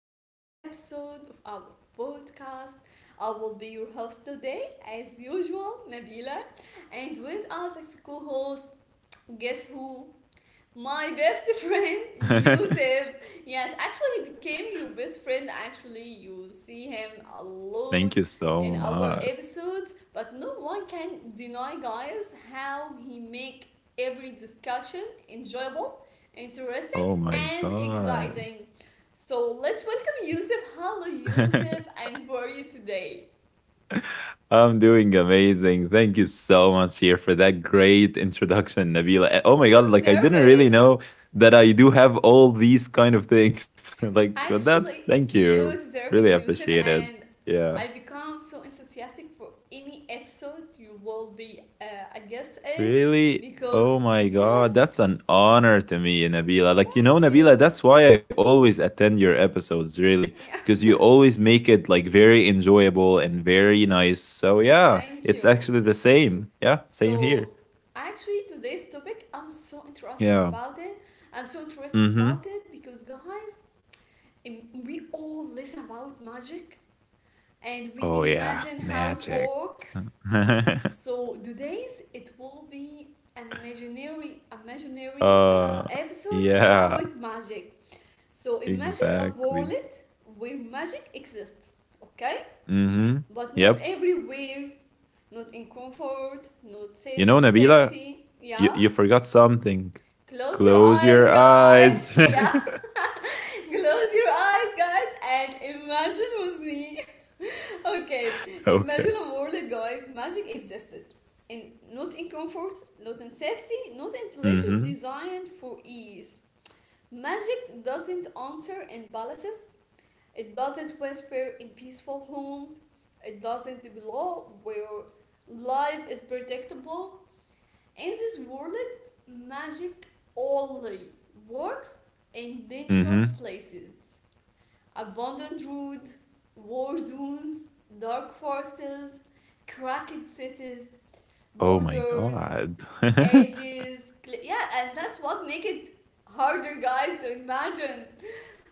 to a new episode of our podcast. I will be your host today, as usual, Nabila. And with us as co host, guess who? My best friend, Yusuf. Yes, actually, he became your best friend. Actually, you see him a lot Thank you in so our much. episodes, but no one can deny, guys, how he make every discussion enjoyable, interesting, Oh my and god. exciting. So let's welcome Yusuf. Hello, Yusuf, and how are you today? I'm doing amazing. Thank you so much here for that great introduction, Nabila. Oh my You god, like I deserve didn't really it. know that I do have all these kind of things. Like that's Actually, thank you you. deserve Really it, Yusuf, appreciate it. and Yeah. I become so enthusiastic for any episode you will be a guest in Really? because, Oh my God, yes, that's an honor to me, Nabila. Like, you know, thank Nabila, you. that's why I always attend your episodes, really, Yeah, because you always make it like very enjoyable and very nice. So, yeah, thank it's you. actually the same. Yeah, same here. So, actually, today's topic, I'm so interesting Yeah. about it. I'm so interested Mm-hmm. about it because, guys, we all listen about magic and we Oh, yeah, imagine how it magic. works. So today's it will be imaginary uh, episode about yeah, magic. So imagine a exactly. world where magic exists, okay? Mm-hmm. But not Yep. everywhere, not in comfort, not You sa- know, in Nabila, safety. you, Yeah. you forgot something. Close your Close eyes, your guys. eyes. okay. Yeah. Close your eyes, guys, and imagine with me. Okay, imagine a world where magic existed, in not in comfort, not in safety, not in Mm places hmm. designed for ease. Magic doesn't answer in palaces. It doesn't whisper in peaceful homes. It doesn't glow where life is predictable. In this world, magic only works in Mm dangerous hmm. places: abandoned road, war zones, dark forests, cracked cities, Oh my borders, God. edges. Yeah, and that's what make it harder, guys, to imagine.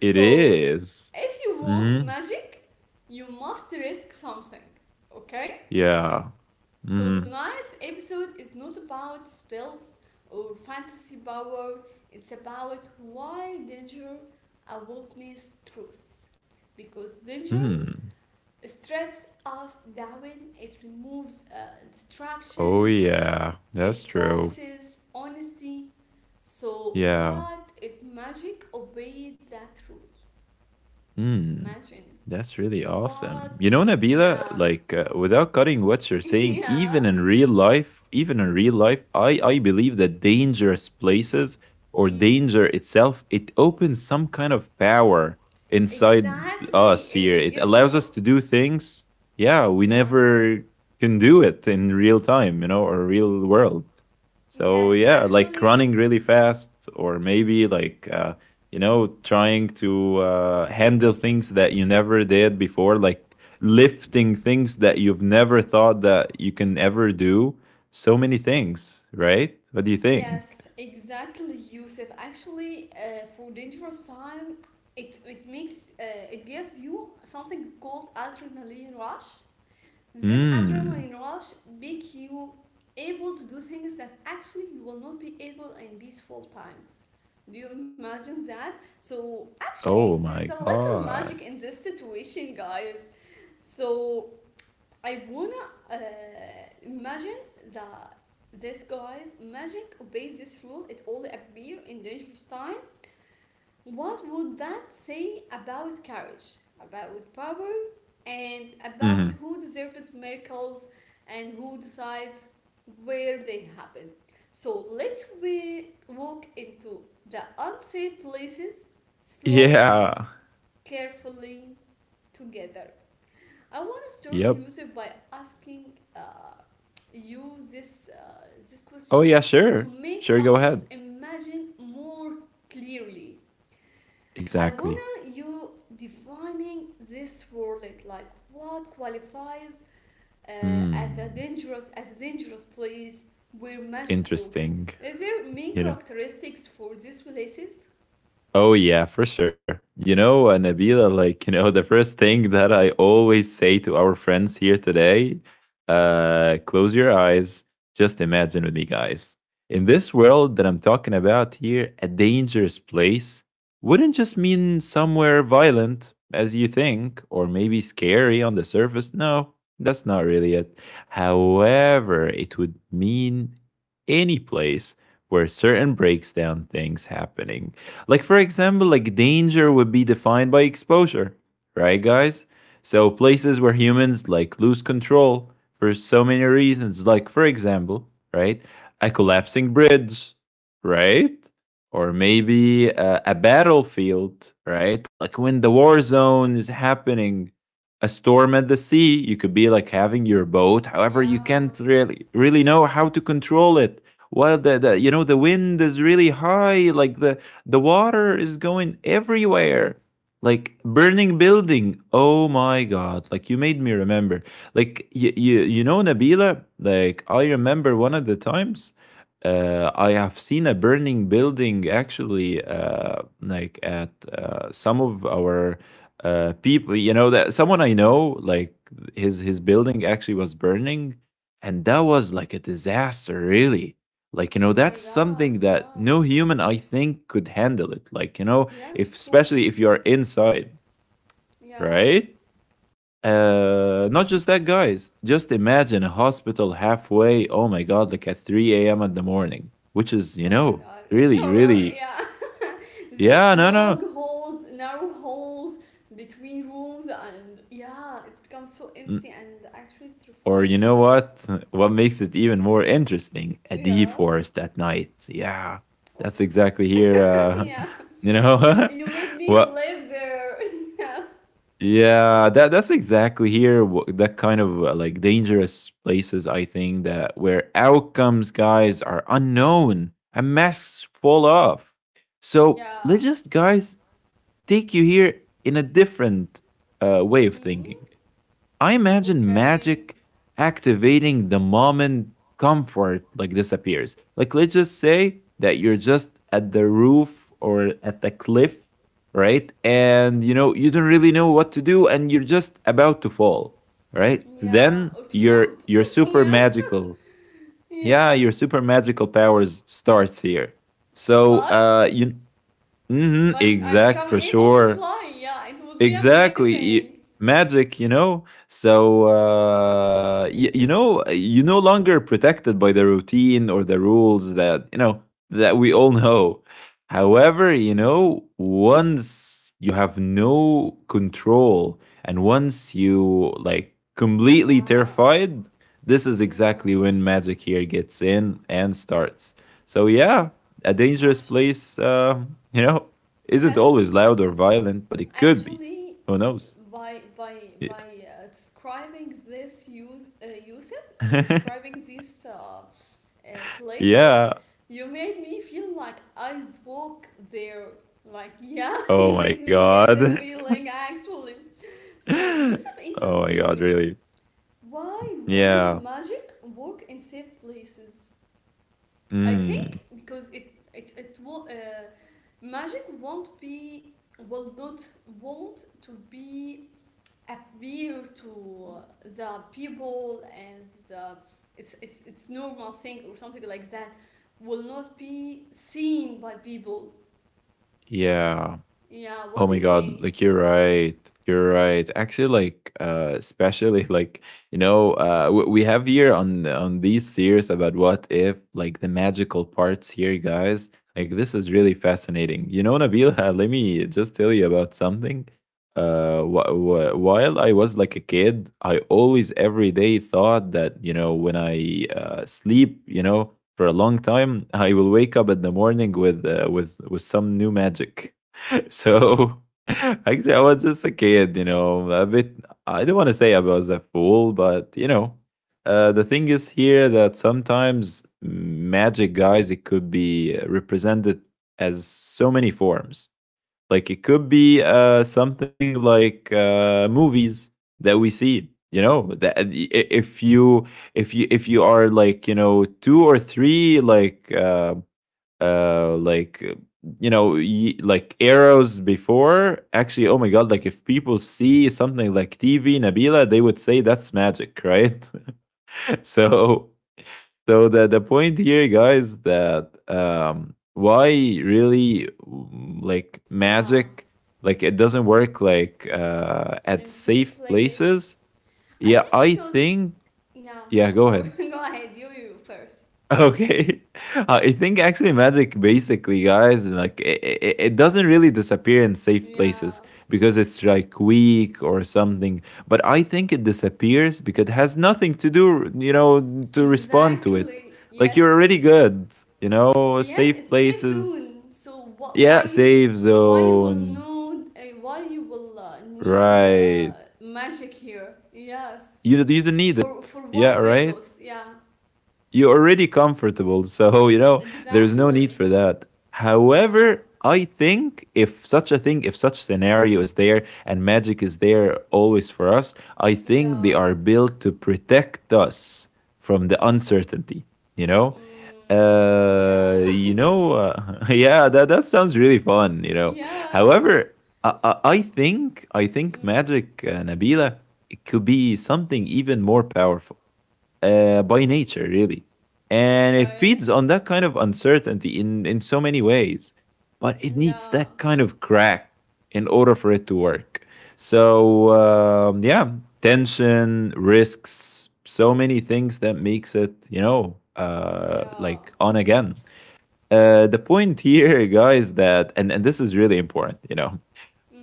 it is. if you want Mm-hmm. magic, you must risk something, okay? Yeah. So, Mm-hmm. tonight's episode is not about spells or fantasy power, it's about why danger awakens truth. Because danger Hmm. strips us down, it removes Oh distractions, yeah. it That's true. forces honesty. So, Yeah. what if magic obeyed that rule? Hmm. Imagine. That's really What? awesome. You know, Yeah. Nabila, like without cutting what you're saying, yeah. Even in real life, I believe that dangerous places or Mm. danger itself, it opens some kind of power inside Exactly. us It, here. it It gives allows you. us to do things, yeah, we Yeah. never can do it in real time, you know, or real world. Yes, So yeah, like actually, running really fast, or maybe you know, trying to handle things that you never did before, like lifting things that you've never thought that you can ever do, so many things, right? What do you think? yes, exactly, Yusuf. Actually, for dangerous time, it makes it gives you something called adrenaline rush. This Mm. adrenaline rush make you able to do things that actually you will not be able in peaceful times. Do you imagine that? So actually, Oh there my is a little god. magic in this situation, guys. So I wanna uh, imagine that this guys magic obeys this rule. It only appear in dangerous time. What would that say about courage, about power, and about Hmm. who deserves miracles and who decides where they happen? So let's we walk into the unsafe places slowly, Yeah. carefully, together. I want to start Yep. Yusuf by asking uh, you this Oh question yeah, to sure. make Sure, go us ahead. imagine more clearly. I Exactly. wanna you defining this word like what qualifies uh, Hmm. As a dangerous place where magic works. Interesting. Is there main You know. characteristics for these places? Oh yeah, for sure. You know, Nabila, like, you know, the first thing that I always say to our friends here today, close your eyes, just imagine with me, guys. In this world that I'm talking about here, a dangerous place wouldn't just mean somewhere violent, as you think, or maybe scary on the surface. No, that's not really it. However, it would mean any place where certain breaks down things happening, like for example, like danger would be defined by exposure, right guys? So places where humans like lose control for so many reasons, like for example, right? A collapsing bridge, right? Or maybe a battlefield, right? Like when the war zone is happening, a storm at the sea, you could be like having your boat. However, you can't Yeah. really know how to control it. While the you know, the wind is really high, like the water is going everywhere. Like burning building. Oh my god. Like you made me remember. Like you know, Nabila, like I remember one of the times I have seen a burning building actually like at some of our people, you know, that someone I know, like his building actually was burning, and that was like a disaster, really. Like, you know, Oh that's my something god, that yeah. no human, I think, could handle it. Like, you know, Yes, if of especially course. if you're inside, Yeah. right? Not just that, guys. Just imagine a hospital halfway, oh my God, like at 3 a.m. in the morning, which is, you Oh my know, god, it's really, horror, really, yeah. This yeah, no, no. long halls, narrow halls between rooms, and yeah, it's become so Mm. empty and actually Or terrified, you know guys. what? What makes it even more interesting? A deep Yeah. forest at night. Yeah, Oh that's my exactly god. here. Yeah. you know, You you made me what. live there. yeah. Yeah, that's exactly here. That kind of like dangerous places, I think, that where outcomes, guys, are unknown and masks fall off. So Yeah. let's just, guys, take you here in a different way of Mm. thinking. I imagine Okay. magic activating the moment comfort like disappears. Like let's just say that you're just at the roof or at the cliff, right? Mm. And you know, you don't really know what to do and you're just about to fall, right? Yeah. Then Or to your jump. your super yeah. magical. Yeah, Yeah. your super magical powers starts here. To So, fly? You mhm, Like I exact become for able to sure. fly. Yeah, it would be Exactly. Amazing. Magic, you know, so you know, you're no longer protected by the routine or the rules that you know, that we all know. However, you know, once you have no control, and once you like completely Yeah. terrified, this is Yeah. exactly when magic here gets in and starts. So Wow. yeah, a dangerous Actually, place you know isn't yes. always loud or violent, but it could be. Actually, Who knows? by by Yeah. by describing this use Yusuf, describing these places, yeah. you made me feel like I walk there. Like yeah, you Oh made my me get this god. feeling actually. So oh Yusuf, in your my god, opinion, really. why wouldn't Yeah. magic work in safe places? I think Mm. because it will magic won't be will not want to be appear to the people and it's it's normal thing or something like that will not be seen by people. Yeah. Yeah, what Oh do you my god, think? like you're right. You're right. Actually like especially like you know, we have here on these series about what if, like the magical parts here, guys. Like this is really fascinating. You know, Nabil, let me just tell you about something. While I was like a kid, I always every day thought that you know when I sleep, you know, for a long time, I will wake up in the morning with with some new magic. So actually, I was just a kid, you know, a bit. I don't want to say I was a fool, but you know, the thing is here that sometimes magic, guys, it could be represented as so many forms. Like it could be something like movies that we see. You know, that if you if you are like, you know, two or three uh like uh, you know, like arrows before, actually oh my god, like if people see something like TV, Nabila, they would say that's magic, right? So, so the point here, guys, that um, why really mm, like Yeah, magic like it doesn't work like in at safe safe place. places. I think Yeah, I because think. yeah, Yeah, of go course. ahead. Go ahead, you first. Okay. I think actually magic basically, guys, like it doesn't really disappear in safe Yeah, places because it's like weak or something, but I think it disappears because it has nothing to do, you know, to respond to exactly. it. Like you're Yes, already good, you know, yes, it's safe safe places. zone. So Yeah, safe why you will zone. know why you will need Right, magic here? Yes, you don't need for it, what yeah, purpose? right. Yeah, You're already comfortable. So, you know, there's no exactly. need for that. Yeah, However, I think if such a thing, if such scenario is there and magic is there always for us, I think they yeah, are built to protect us from the uncertainty, you know? mm, yeah, yeah, that sounds really fun, you know? yeah. However, I think Mm, magic, Nabila, it could be something even more powerful by nature, really. And it okay. feeds on that kind of uncertainty in so many ways. But it needs Yeah, that kind of crack in order for it to work. So, yeah, tension, risks, so many things that makes it, you know, yeah. like on again. The point here, guys, that, and this is really important, you know,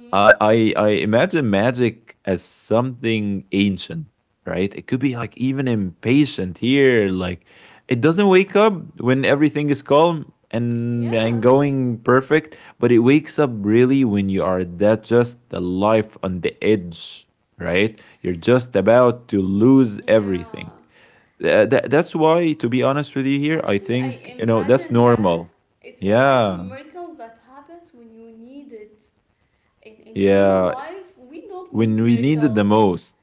I imagine magic as something ancient, right? It could be like even impatient here, like it doesn't wake up when everything is calm and yes. going perfect, but it wakes up really when you are that just the life on the edge, right? You're just about to lose Yeah. everything. That's why, to be honest with you, here I Actually, I think you know that's imagine that normal. it's like Yeah. miracles that happens when you need it. In a normal Yeah, life, we don't need when we need it the miracles. most,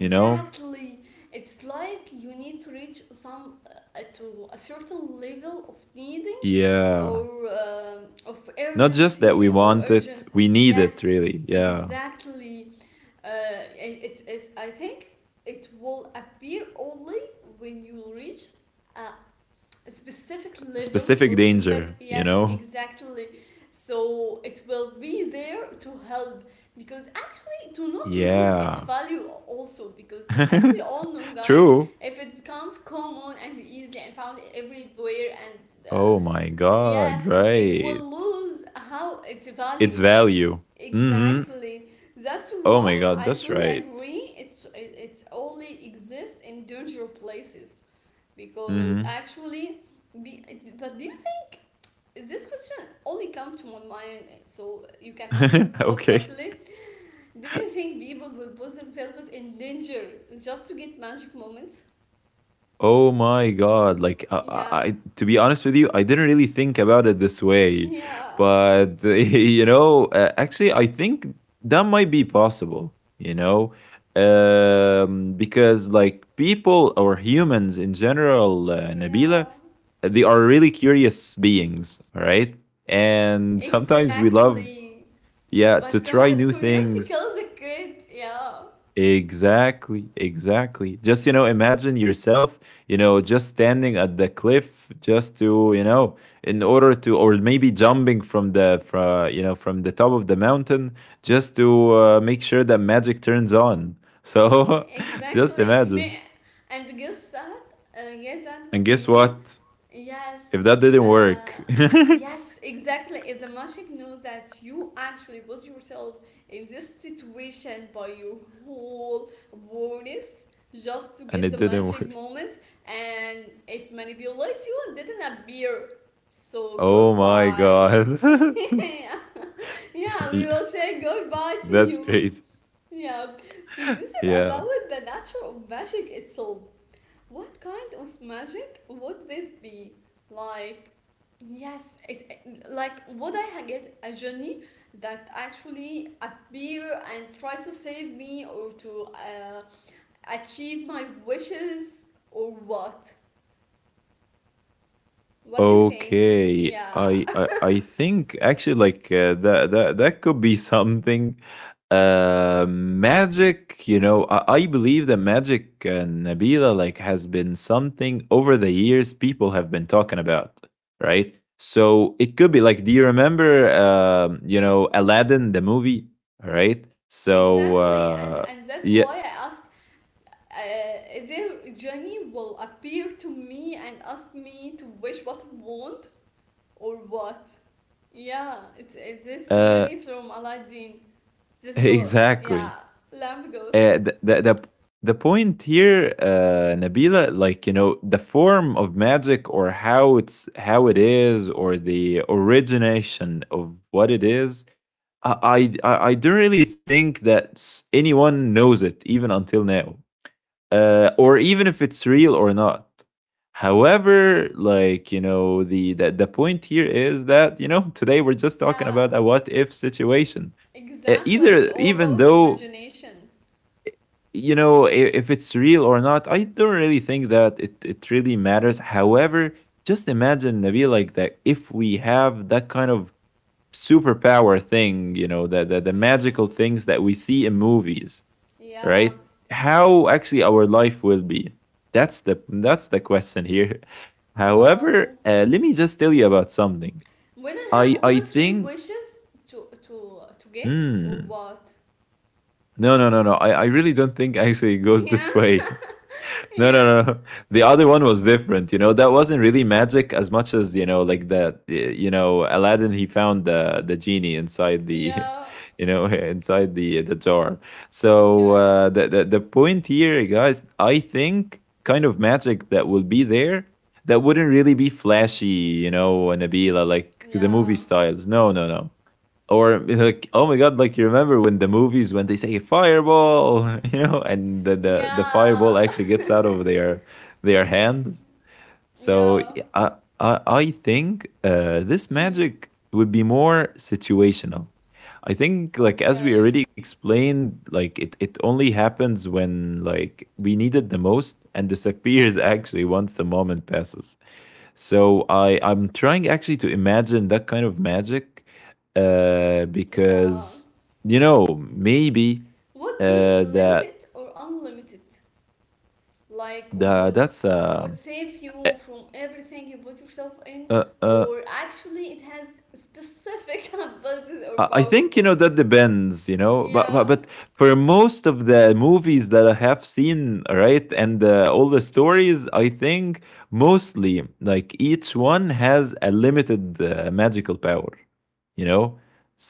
you know? It's like you need to reach some to a certain level of needing Yeah. or of Not just that urgency we or want urgent. it, we need it Yes, really. Yeah. exactly. Uh, it's, I think it will appear only when you reach a a specific level Specific or specific danger, you yes know? exactly so it will be there to help because actually to not lose Yeah. its value also because as we all know guys True. if it becomes common and easily and found everywhere and Oh my god, yes it will right. lose how its It's value value. Mhm. exactly that's Oh my why god, I that's totally right. agree it's only exists in dangerous places because Mhm. actually be, but do you think this question only comes to my mind so you can answer it so okay. quickly do you think people will put themselves in danger just to get magic moments Oh my God. Like, yeah to be honest with you, I didn't really think about it this way. yeah But, you know, actually, I think that might be possible, you know, because, like, people or humans in general, Nabila, yeah they are really curious beings, all right? And sometimes we love, exactly yeah, to but try guys new curiosity things. kills the kid yeah Exactly, exactly. Just, you know, imagine yourself, you know, just standing at the cliff just to, you know, in order to or maybe jumping from the from, you know, from the top of the mountain just to make sure that magic turns on. So, just exactly me imagine. and guess that And was guess me. what? Yes, If that didn't uh, work, yes, exactly. If the magic knows that you actually put yourself in this situation by your whole awareness just to and get it the didn't magic work. moment and it manipulates you and didn't appear. So Oh my goodbye. God. yeah. Yeah, we Yeah, will say goodbye to that's you. crazy. Yeah. So Yusuf, Yeah. about the nature of magic itself, what kind of magic would this be? Like, yes, like would I get a genie that actually appear and try to save me or to achieve my wishes or what? What do you think? Okay, Yeah, I think actually like that that could be something. Magic, you know, I believe that magic, Nabila, like has been something over the years people have been talking about, right? So it could be like, do you remember, you know, Aladdin the movie, right? So exactly, and that's yeah, why I ask. Their genie will appear to me and ask me to wish what I want or what? Yeah, it's this uh, Jenny from Aladdin. This ghost, exactly. yeah, lamp ghost. The point here, Nabila, like you know, the form of magic or how it's how it is or the origination of what it is. I don't really think that anyone knows it even until now, or even if it's real or not. However, the point here is that today we're just talking about Yeah, a what if situation. Exactly. Either It's all even about though imagination. If it's real or not, I don't really think that it really matters. However, just imagine, Nabil, like that if we have that kind of superpower thing, the magical Mm, things that we see in movies, yeah, right? How actually our life will be? That's the question here. However, wow. Let me just tell you about something. When I i have i only three think wishes to get or Hmm, what? no, I really don't think actually it goes Yeah, this way. No, no, yeah, no. No. The other one was different. You know, that wasn't really magic as much as, you know, like that. You know, Aladdin, he found the genie inside the, yeah. you know, inside the jar. So Okay. The point here, guys, I think kind of magic that will be there, that wouldn't really be flashy. You know, Nabila, like the movie Yeah. styles. No, no, no. Or you know, like oh my god, like you remember when the movies, when they say fireball, you know, and the Yeah. fireball actually gets out of their yes. hands. So Yeah. i I think this Mhm. magic would be more situational. I think, like as we Okay. already explained, like it only happens when like we need it the most and disappears actually once the moment passes. So I'm trying actually to imagine that kind of magic, Yeah. because you know maybe Would be uh, that limited or unlimited. Like that's would save eh, you from everything you put yourself in, uh, uh or actually it has specific abilities or I think, you powerful. know, that depends, you know, but Yeah, but for most of the movies that I have seen, right, and all the stories, I think mostly, like, each one has a limited magical power, you know.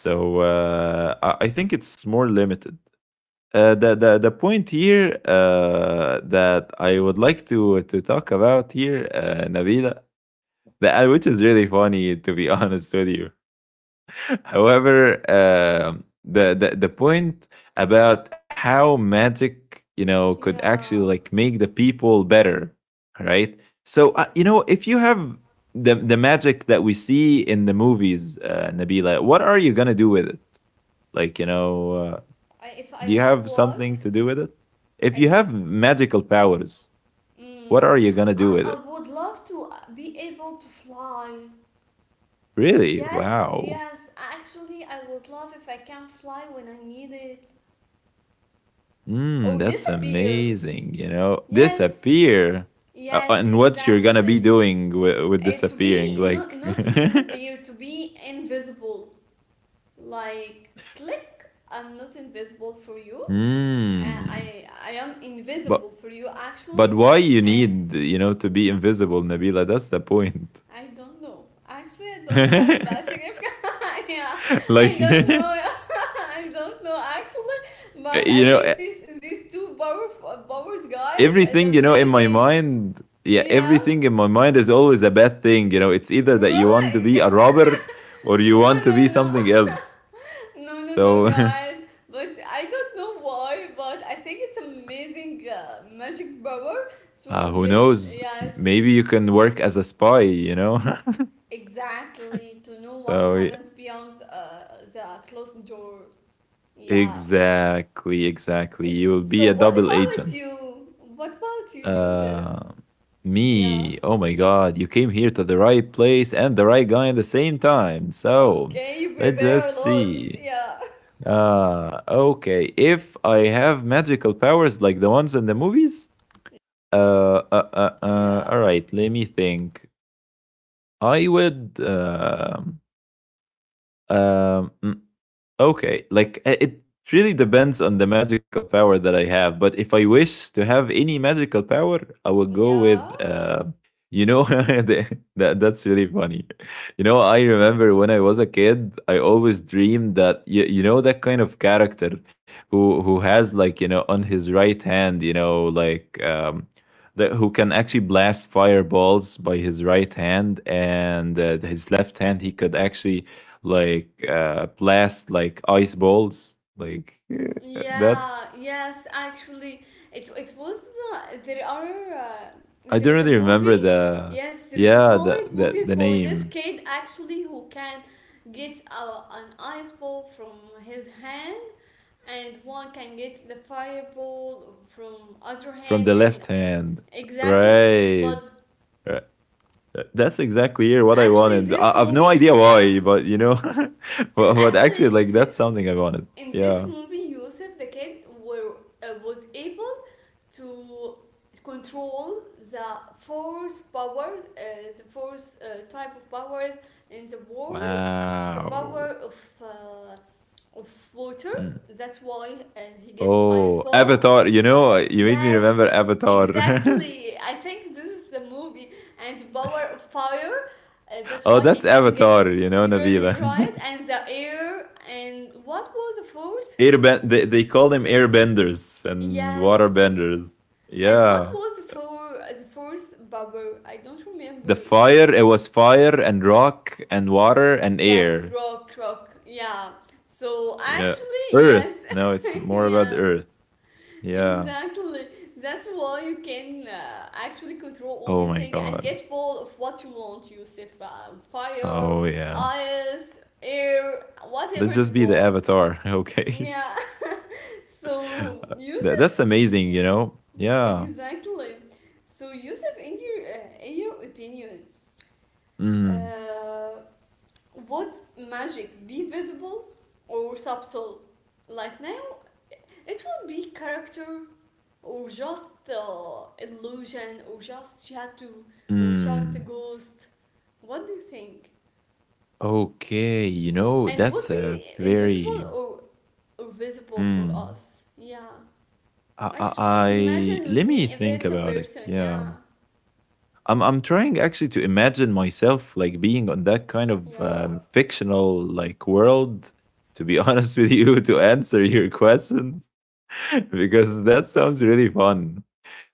So I think it's more limited. The point here that I would like to talk about here, Nabila, the, which is really funny to be honest with you. However, the point about how magic, you know, could actually yeah, like make the people better, right? So you yes. know, if you have the magic that we see in the movies, Nabila, what are you gonna do with it? Like you know, I, do if you I have have something to what do with it? If you I have gi- magical powers, what Mm, are you gonna do with I it? would love to be able to fly. Really? Yes, Wow. yes. Actually, I would love if I can fly when I need it or Mm, that's disappear. amazing. You know, Yes, disappear. Yes, And what you're gonna be exactly. doing with, To disappearing? be Like, not to disappear, to be invisible. Like click, I'm not invisible for you. Hmm. I am invisible But for you actually, why you and need, you know, to be invisible, Nabila? That's the point. I don't know. Actually, I don't have a significant. yeah, I like you don't know. I don't know actually, but I know think this these two power powers guys is everything, you know, in my amazing. mind, yeah, Yeah. everything in my mind is always a bad thing, you know, it's either that you want to Really? be a robber or you no, want to be no, no. something else. No, no, no, So guys. But I don't know why, but I think it's amazing magic power to who get, knows, yes, maybe you can work as a spy, you know. exactly, to know what So yeah, happens beyond the closed door. Yeah. exactly, exactly, And you will be so, a what double about agent. you? What about you, Yusuf? uh Yeah. Me? Oh my god, you came here to the right place and the right guy at the same time. So Okay, you let's just prepare a see. lot. Yeah. Okay. If I have magical powers like the ones in the movies, Yeah. all right. Let me think. I would. Um, mm, Okay, like, it really depends on the magical power that I have. But if I wish to have any magical power, I would go with, Yeah. You know, the, that's really funny. You know, I remember when I was a kid, I always dreamed that you know, that kind of character who has, like, you know, on his right hand, you know, like, that, who can actually blast fireballs by his right hand, and his left hand, he could actually like blast like ice balls. Like, yeah, Yeah, that's yes, actually, it was I there don't is a really remember movie. the Yes, there is a yeah Hollywood movie the for this name kid actually who can get a, an ice ball from his hand, and one can get the fireball from other from hand, the and left hand. exactly. Right. But Right. That's exactly here what I actually, wanted. I, this I've no movie, idea yeah, why, but you know, and but actually, actually, like, that's something I wanted. in this Yeah. movie, Yusuf the kid were was able to control the force powers, the force type of powers in the world, the power Wow. of uh, of water. Mm. That's why he gets ice Oh, ball. Avatar. You The know, you made me remember Yes, Avatar. exactly. I think this is the movie and the power of fire. That's Oh, why he that's can get Avatar, you know, Nabila. really right and the air and what was the force? Airbend, they call them airbenders and Yes, waterbenders. and what Yeah, was the fourth bubble? I don't the remember. fire, it was fire and rock and water and Yes, air. rock, rock. Yeah. So Yeah, actually, yes, earth, no, it's more about the yeah, earth. Yeah. exactly. That's why you can actually control all Oh these my things and god, get all of what you want. You set fire, oh yeah, ice, air, whatever let's you just be the want. avatar. Okay. Yeah. So That- Yusuf, that's amazing, you know. Yeah. exactly. So Yusuf, in your opinion, Mm, uh, would magic be visible or subtle like now? It would be character or just illusion or just she had to, or just a mm. ghost. What do you think? Okay, you know And that's would a be invisible very or visible for mm, us? Yeah. I Actually, imagine with let me me if think it's a about it. person. Yeah. Yeah. I'm trying actually to imagine myself, like, being on that kind of, Yeah. fictional like world, to be honest with you, to answer your question. Because that sounds really fun.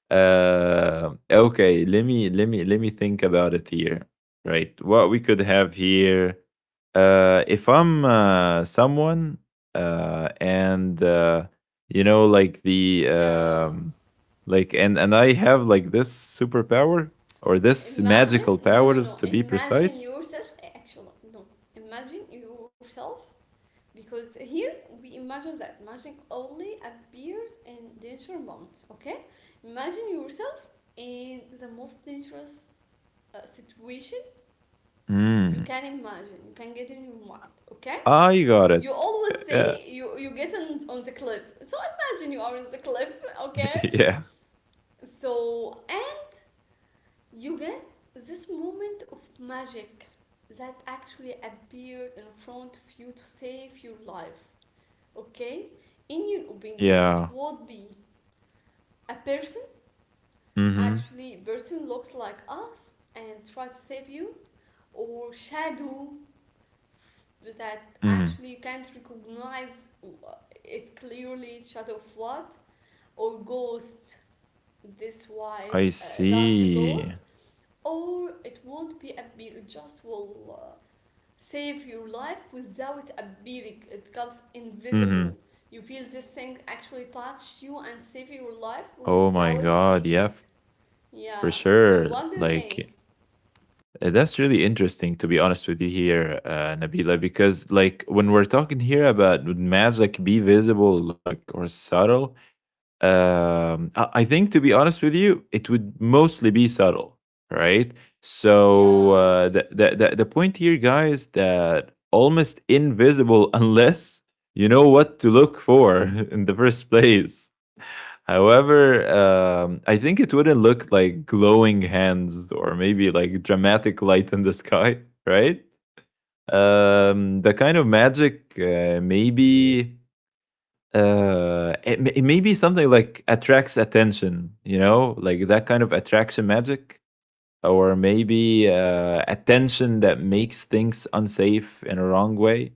Uh, okay, let me think about it here. Right, what we could have here. If I'm, someone, and, you know, like the, Yeah. Like, and I have like this superpower or this Imagine. magical No, no, powers no. to be Imagine precise. yourself. Actually, no. Imagine yourself, because here we imagine that magic only appears in danger moments, okay? Imagine yourself in the most dangerous situation you Hmm. can imagine, you can get in your mind, okay? I got You it. always Yeah. say you get on the cliff, so imagine you are on the cliff, okay? Yeah. So and you get this moment of magic that actually appeared in front of you to save your life. Okay, in your opinion, it Yeah. would be a person, Mm-hmm. actually person looks like us and try to save you, or shadow that Mm-hmm. actually you can't recognize it clearly, shadow of what, or ghost, this I white dust see. ghost, or it won't be a beer, it just will save your life without appearing, it becomes Mm-hmm. invisible. You feel this thing actually touch you and save your life Oh my without God. seeing Yeah, it. for Yeah, so sure. what do you Like, think? That's really interesting, to be honest with you here, Nabila, because, like, when we're talking here about would magic be visible, like, or subtle, I think, to be honest with you, it would mostly be subtle, right? So, Yeah, the point here, guys, that almost invisible unless you know what to look for in the first place. However, I think it wouldn't look like glowing hands or maybe like dramatic light in the sky, right? The kind of magic, maybe it, it maybe something like attracts attention, you know, like that kind of attraction magic, or maybe, attention that makes things unsafe in a wrong way.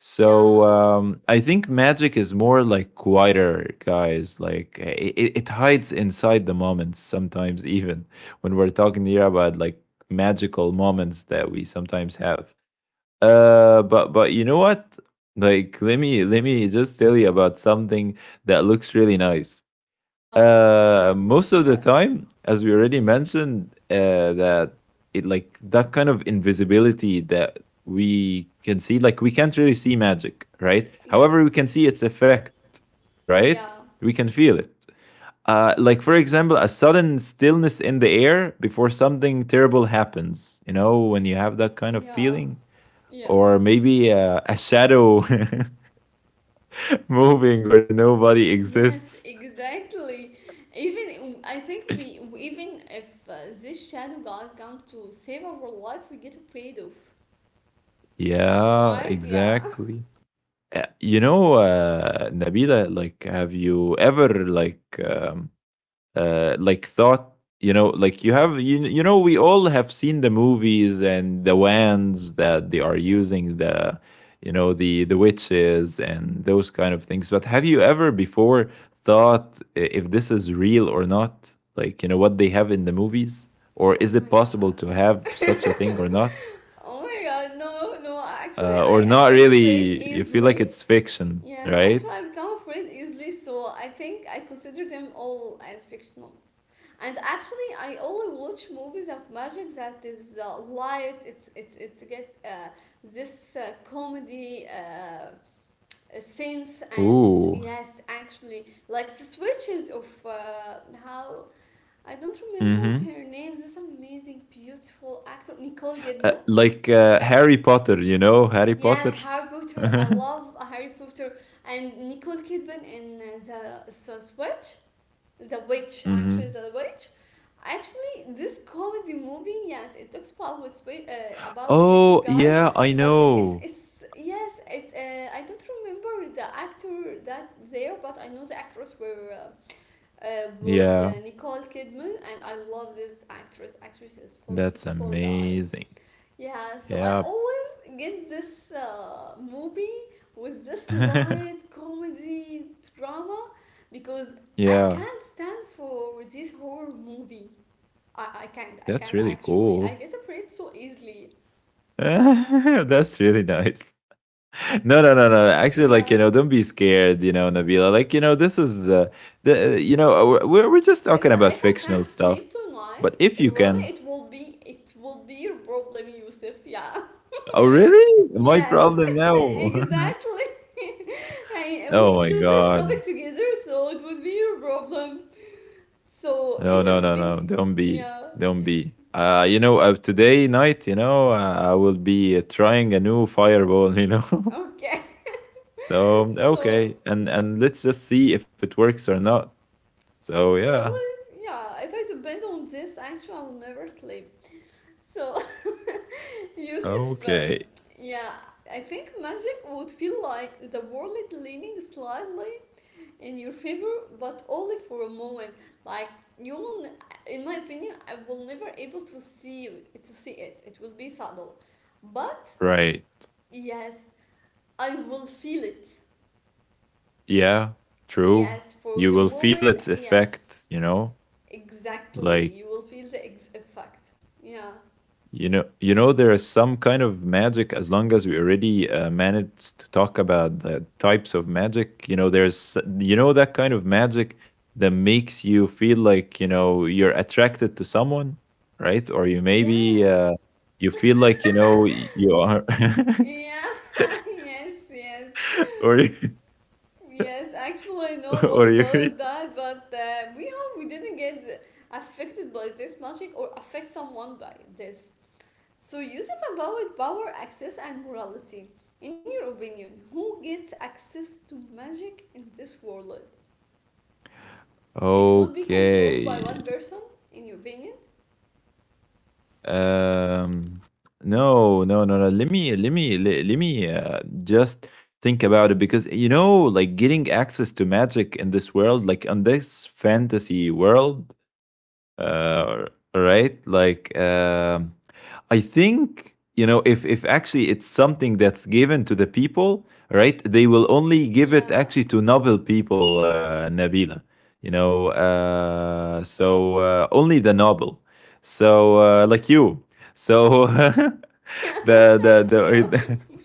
So, yeah, I think magic is more like quieter, guys. Like, it hides inside the moments sometimes, even when we're talking here about like magical moments that we sometimes have. But you know what? Like, let me just tell you about something that looks really nice. yeah, Most of the yes. time, as we already Mm. mentioned, that it, like, that kind of invisibility that we can see, like, we can't really see magic, right? However, we Yes, can see its effect, right? yeah, We can feel it. Like, for example, a sudden stillness in the air before something terrible happens. You know, when you have that kind of yeah, feeling, or yes, maybe, a shadow moving where nobody yes, exists. exactly, even I think we, even if this shadow guys come to save our life, we get afraid of, Yeah, right? Yeah. exactly. You know, Nabila, like, have you ever like, like thought? You know, like you have, you know, we all have seen the movies and the wands that they are using, the, you know, the witches and those kind of things. But have you ever before thought, if this is real or not? Like, you know, what they have in the movies, or Oh is my it possible god. to have such a thing or not? Oh my god, no, no, actually, Or I not get afraid really? You feel like easily. it's fiction, Yes, right? actually, I become afraid easily, so I think I consider them all as fictional. And actually, I only watch movies of magic that is light. It's get this comedy sense. And Ooh. yes, actually, like the switches of how, I don't remember Mm-hmm. her name, this amazing, beautiful actor Nicole Kidman. like, Harry Potter, you know, Harry Potter. Yes, Harry Potter. I Mm-hmm. love Harry Potter and Nicole Kidman in the Witch, the Witch, actually the Witch. Actually, this comedy movie, yes, it talks about with about witches, Oh, guys, yeah, I but it's know. it's yes, it. I don't remember the actor that there, but I know the actress were. Was Yeah, Nicole Kidman, and I love this actress. Actress is so that's beautiful, guys. amazing. Yeah, so I Yeah. always get this movie with this light comedy drama because I Yeah, can't stand for this horror movie. I can't, I that's can't really actually. I cool. get afraid so easily. That's really nice. No, no, no, no. Actually, like, you Yeah. know, don't be scared. You know, Nabila. Like, you know, this is, the, you know, we're just talking If I, about if I fictional can't stuff. sleep But tonight, if you really can, it will be your problem, Yusuf. Yeah. oh really? My Yes, problem now. exactly. I, we Oh my choose this god. topic together, so it would be your problem. So in No, your no, no, being, no. Don't be. yeah, Don't be. You know, today night, you know, I will be, trying a new fireball, you know. okay. So, So okay. And let's just see if it works or not. So, yeah. really, yeah. If I depend on this, actually, I will never sleep. So Yusuf, Okay. yeah. I think magic would feel like the world leaning slightly in your favor, but only for a moment. Like you will, in my opinion, I will never able to see it. It will be subtle, but Right. yes, I will feel it. Yeah. Yes, True. for the You will feel moment, its yes. effect, you know? Exactly. Like, You will feel the effect. Yeah. you know, you know, there is some kind of magic. As long as we already, managed to talk about the types of magic, you know, there's, you know, that kind of magic that makes you feel like, you know, you're attracted to someone, right? Or you maybe, Yeah. You feel like, you know, you are, Yeah. yes, yes. or you- Yes, actually, I know a lot or you. Feel- about that, but we hope we didn't get affected by this magic, or affect someone by this. So, Yusuf, about power, access, and morality. In your opinion, who gets access to magic in this world? It would be controlled by one Okay, person, in your opinion? um, no, no, no, no. Let me, just think about it, because, you know, like, getting access to magic in this world, like on this fantasy world, uh, right? Like, I think, you know, if actually it's something that's given to the people, right? They will only give it Yeah. actually to noble people, Nabila. Only the noble. Like you. So the the Thank you. the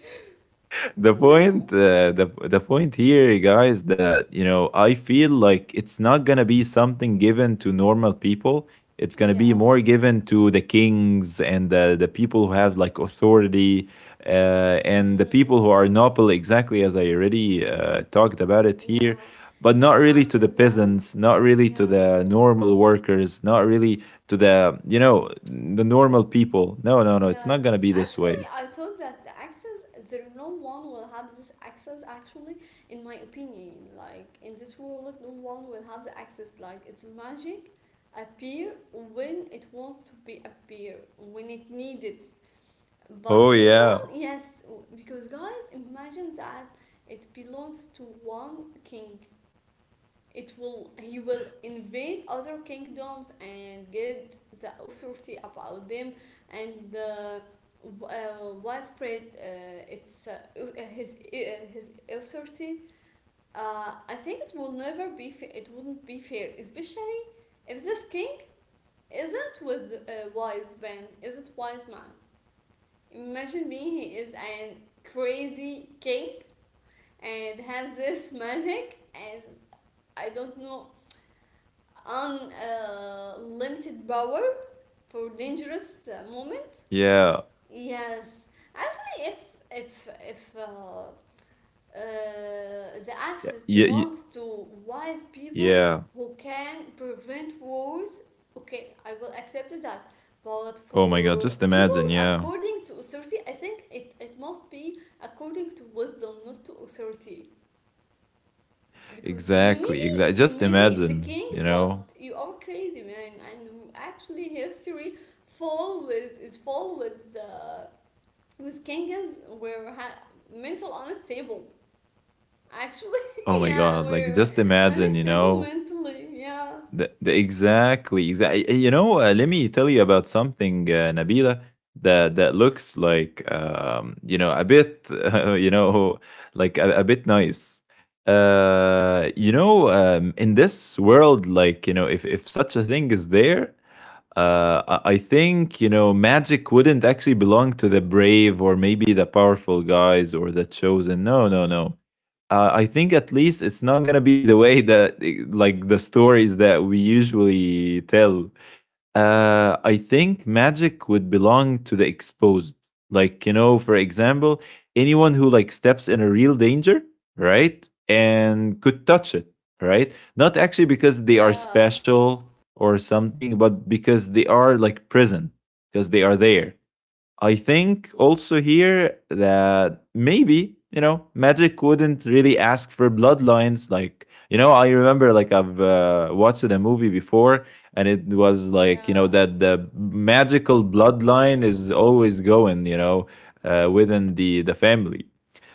the yeah. point the point here, guys, that I feel like it's not going to be something given to normal people. It's going to Yeah. be more given to the kings and the people who have like authority, uh, and the Mm, people who are noble, exactly as I already talked about it here. yeah, But not really to imagine the that. peasants, not really to Yeah, the normal workers, not really to the, the normal people. No, no, no. It's not yes. going to be this Actually, way. I thought that the access, there no one will have this access, actually, in my opinion. Like, in this world, no one will have the access. Like, it's magic appear when it wants to be appear, when it needs it. But Oh no yeah. one, yes, because guys, imagine that it belongs to one king, it will, he will invade other kingdoms and get the authority about them, and widespread its uh, his uh, his authority. Uh, I think it will never be it wouldn't be fair, especially if this king isn't with the, wise man, isn't wise man. Imagine me, he is an crazy king and has this magic and I don't know, unlimited power for dangerous moment. Yeah. Yes, actually, if if if uh, uh, the access Yeah, yeah, belongs ye- to wise people yeah. who can prevent wars, okay, I will accept that. But Oh my god, for just people imagine. Yeah, according to authority, I think it, it must be according to wisdom, not to authority, because you may exactly, exactly. be, you Just may be the imagine, you king, know. but you are crazy man, and actually history full with, is full with kings were mental unstable, actually, Oh my god, yeah, like we're just imagine, you unstable know. mentally, yeah, The exactly, exactly. You know, let me tell you about something, Nabila, that that looks like, you know, a bit, you know, like a bit nice. In this world, like you know, if such a thing is there, I think you know magic wouldn't actually belong to the brave or maybe the powerful guys or the chosen. No, no, no. I think at least it's not gonna be the way that like the stories that we usually tell. I think magic would belong to the exposed. Like, you know, for example, anyone who like steps in a real danger, right? And could touch it, right? Not actually because they are yeah, special or something, but because they are like present, because they are there. I think also here that maybe, you know, magic wouldn't really ask for bloodlines. Like, you know, I remember like I've watched a movie before, and it was like, you know, yeah, that the magical bloodline is always going, you know, within the family.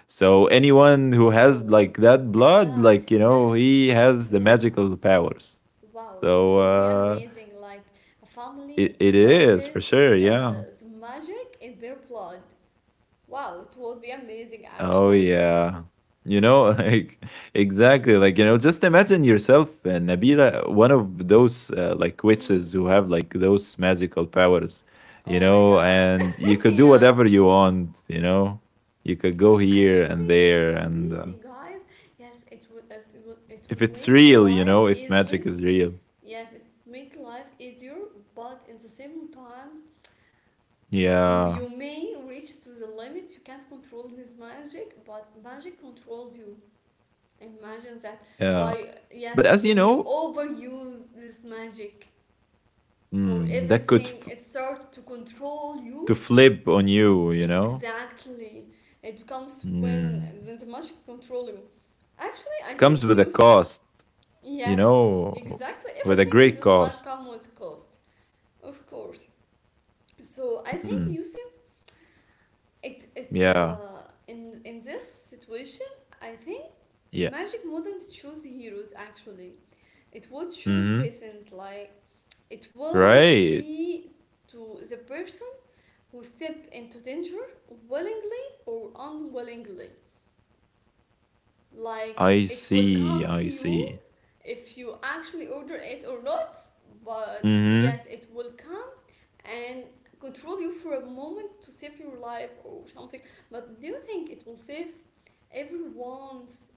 So anyone who has like oh that blood, yeah. like, you know, This, he has the yeah, magical powers. wow, So it would be uh, amazing, like a family it is for inherited sure. uh, Yeah. the magic in their blood. Wow, it would be amazing Oh actually. yeah. You know, like exactly, like you know, just imagine yourself, Nabila, one of those like Mm. witches who have like those magical powers, you Oh my know, god. and you could do yeah. whatever you want, you know. You could go here and Actually, it there would be, and you guys. Yes, it would. It would. It if would it's make real, you life know, if easily. magic is real. Yes, it make life easier, but in the same times, you Yeah. may reach to the limit. You can't control this magic, but magic controls you. Imagine that. Yeah. By But yes, as you when you know, overuse this magic for that could everything, it starts to control to you. flip on you, you know. Exactly. It becomes when Mm. The magic control you. Actually, I Comes think with a Yusuf. cost. You Yes, know, exactly. with a Everything great in this life cost. comes with cost, of course. So I think Mm, Yusuf. It yeah, in this situation. I think yeah. magic wouldn't choose heroes. Actually, it would choose Mm-hmm. presence. Like it will Right. be to the person who step into danger willingly or unwillingly. Like I it will see. come to I you see. if you actually order it or not, but Mm-hmm. yes, it will come and control you for a moment to save your life or something. But do you think it will save everyone's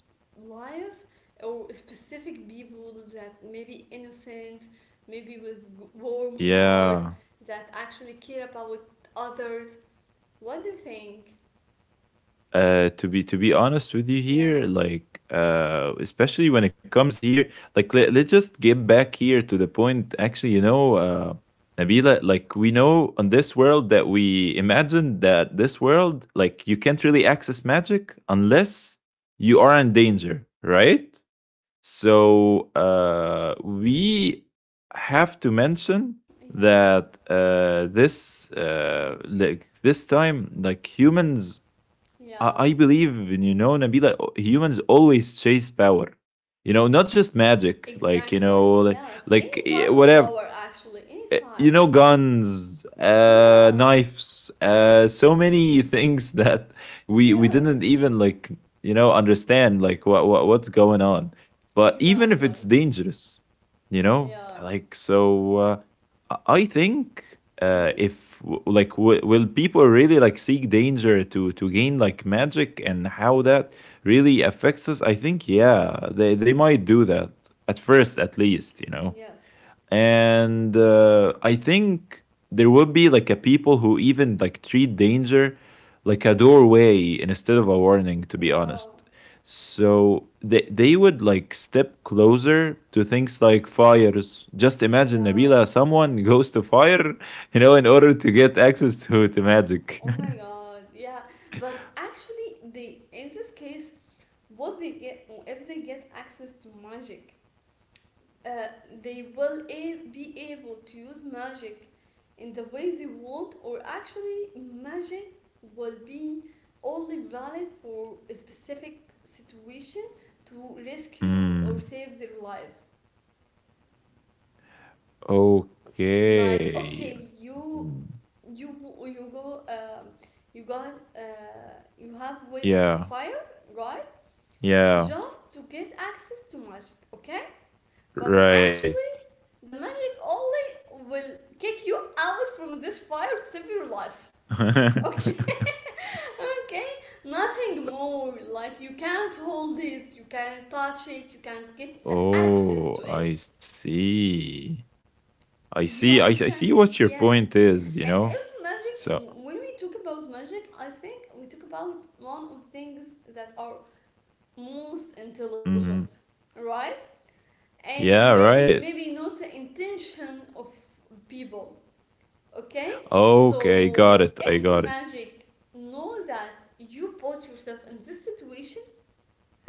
life, or specific people that maybe innocent, maybe with warm hearts, Yeah. that actually care about others? What do you think? To be honest with you Yeah, here, like especially when it comes here, like let's just get back here to the point. Actually, you know, Nabila, like we know on this world that we imagine that this world, like you can't really access magic unless you are in danger, right? We have to mention yeah, that this like this time, like humans, yeah. I believe, and you know Nabila, humans always chase power. You know, not just magic, like you Exactly. know, Yes. Any like type of whatever power, actually. Any type. you know, guns, Yeah. Knives, so many things that we Yes. didn't even like, you know, understand like what what's going on. But even if Exactly. it's dangerous, you know, Yeah. like I think Mm? if like will people really like seek danger to gain like magic, and how that really affects us? I think, Yeah. yeah, they might do that at first, at least, you know. Yes. And I think there would be like a people who even like treat danger like a doorway instead of a warning. To be Yeah. honest, so they would like step closer to things like fires. Just imagine, Yeah. Nabila, someone goes to fire, you know, in order to get access to magic. Oh my God. Yeah. But actually, they in this case, what they get if they get access to magic, uh, they will be able to use magic in the ways they want, or actually, magic will be only valid for a specific situation to rescue Hmm. or save their life. Like, Okay. okay, you Hmm. you you go you got you have went to Yeah. fire, right, Yeah. just to get access to magic, okay. But Right. actually, the magic only will kick you out from this fire to save your life. Okay? okay? Nothing more. Like, you can't hold it, you can't touch it, you can't get the access to Oh, it. I see. I Do you see. I understand see me? what your Yes. point is, you And know? if magic, So, when we talk about magic, I think we talk about one of the things that are most intelligent, mhm. right? And Yeah, maybe, right. maybe knows the intention of people. Okay, Okay, so got it. I if got it. magic knows that you put yourself in this situation,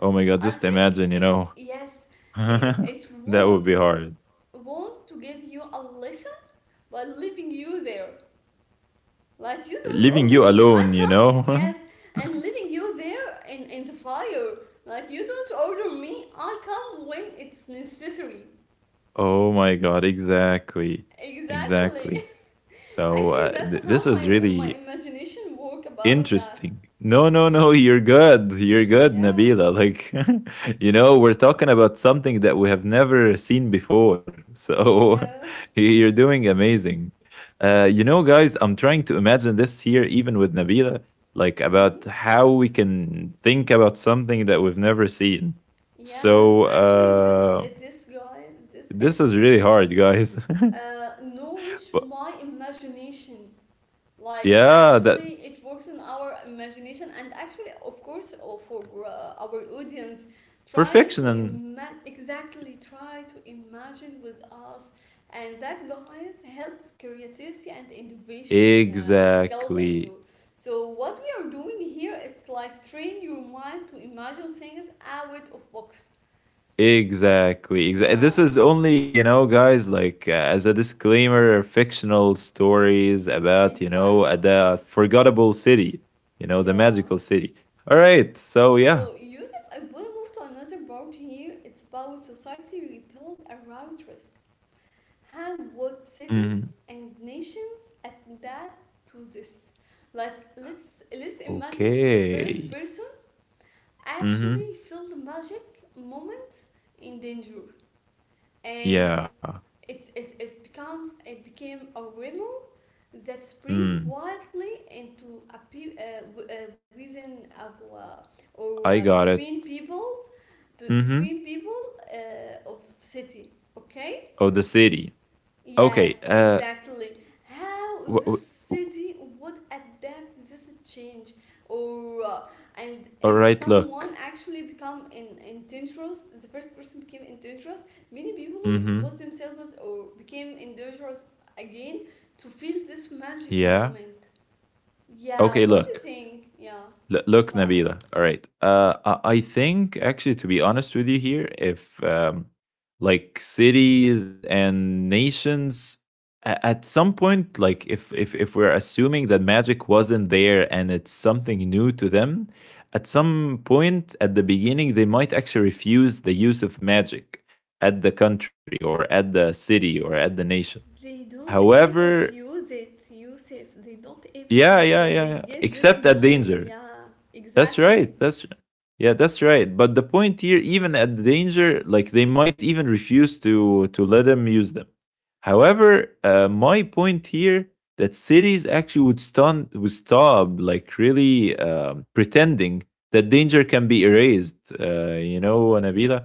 Oh my I God, just think imagine, you it, know? yes, it that would would be hard. want to give you a lesson by leaving you there. Like you don't Leaving order you me, I alone, you come, yes, know? and leaving you there in the fire. Like you don't order me, I come when it's necessary. oh my God, exactly. Exactly. Exactly. So, Actually, that's this how my is my really imagination work about that. interesting. No, no, no. You're good. You're good, Yeah. Nabila. Like, you know, we're talking about something that we have never seen before. So Yes. you're doing amazing. You know, guys, I'm trying to imagine this here, even with Nabila, like Hmm. about how we can think about something that we've never seen. Yes. So Actually, this uh, this guy, this this is really episode, hard, guys. Nourish But my imagination. Like yeah, that actually it works on our imagination, and actually of course for our audience try to perfection, exactly, try to imagine with us, and that guys helps creativity and innovation skills in exactly. you. So what we are doing here, it's like train your mind to imagine things out of box. Exactly. This Yeah, is only, you know, guys, like as a disclaimer, fictional stories about, you know, exactly. The forgettable city, you know, the Yeah. magical city. All right. So, yeah. So, Yusuf, I will move to another part here. It's about society rebuilt around risk. How would Hmm. cities and nations adapt to this? Like, let's imagine the first Okay. person actually Hmm. feel the magic moment in danger, and Yeah. it's it, it becomes it became a remo that spread Mm. widely into a within our, or I got between it. peoples, Hmm. between people of city, okay. Oh, the city. Yes, Okay. Exactly. How W- this w- w- city would adapt this change, or and all if right. someone Look. actually become in indigenous, the first person became indigenous. Many people Hmm. was themselves or became indigenous again to feel this magic Yeah. moment. Yeah, Okay. what do you Look. think? Yeah, Look, go ahead. Nabila. All right. I think actually, to be honest with you here, if like cities and nations at some point, like if we're assuming that magic wasn't there and it's something new to them, at some point at the beginning they might actually refuse the use of magic at the country or at the city or at the nation. They don't However, able to use it, Yusuf. They don't able yeah, to yeah, use yeah, it. yeah. They get Except this at moment. danger. Yeah, That's right. exactly. That's yeah, that's right. But the point here, even at the danger, like they might even refuse to let them use them. However, my point here that cities actually would stop like really pretending that danger can be erased. You know, Anabila.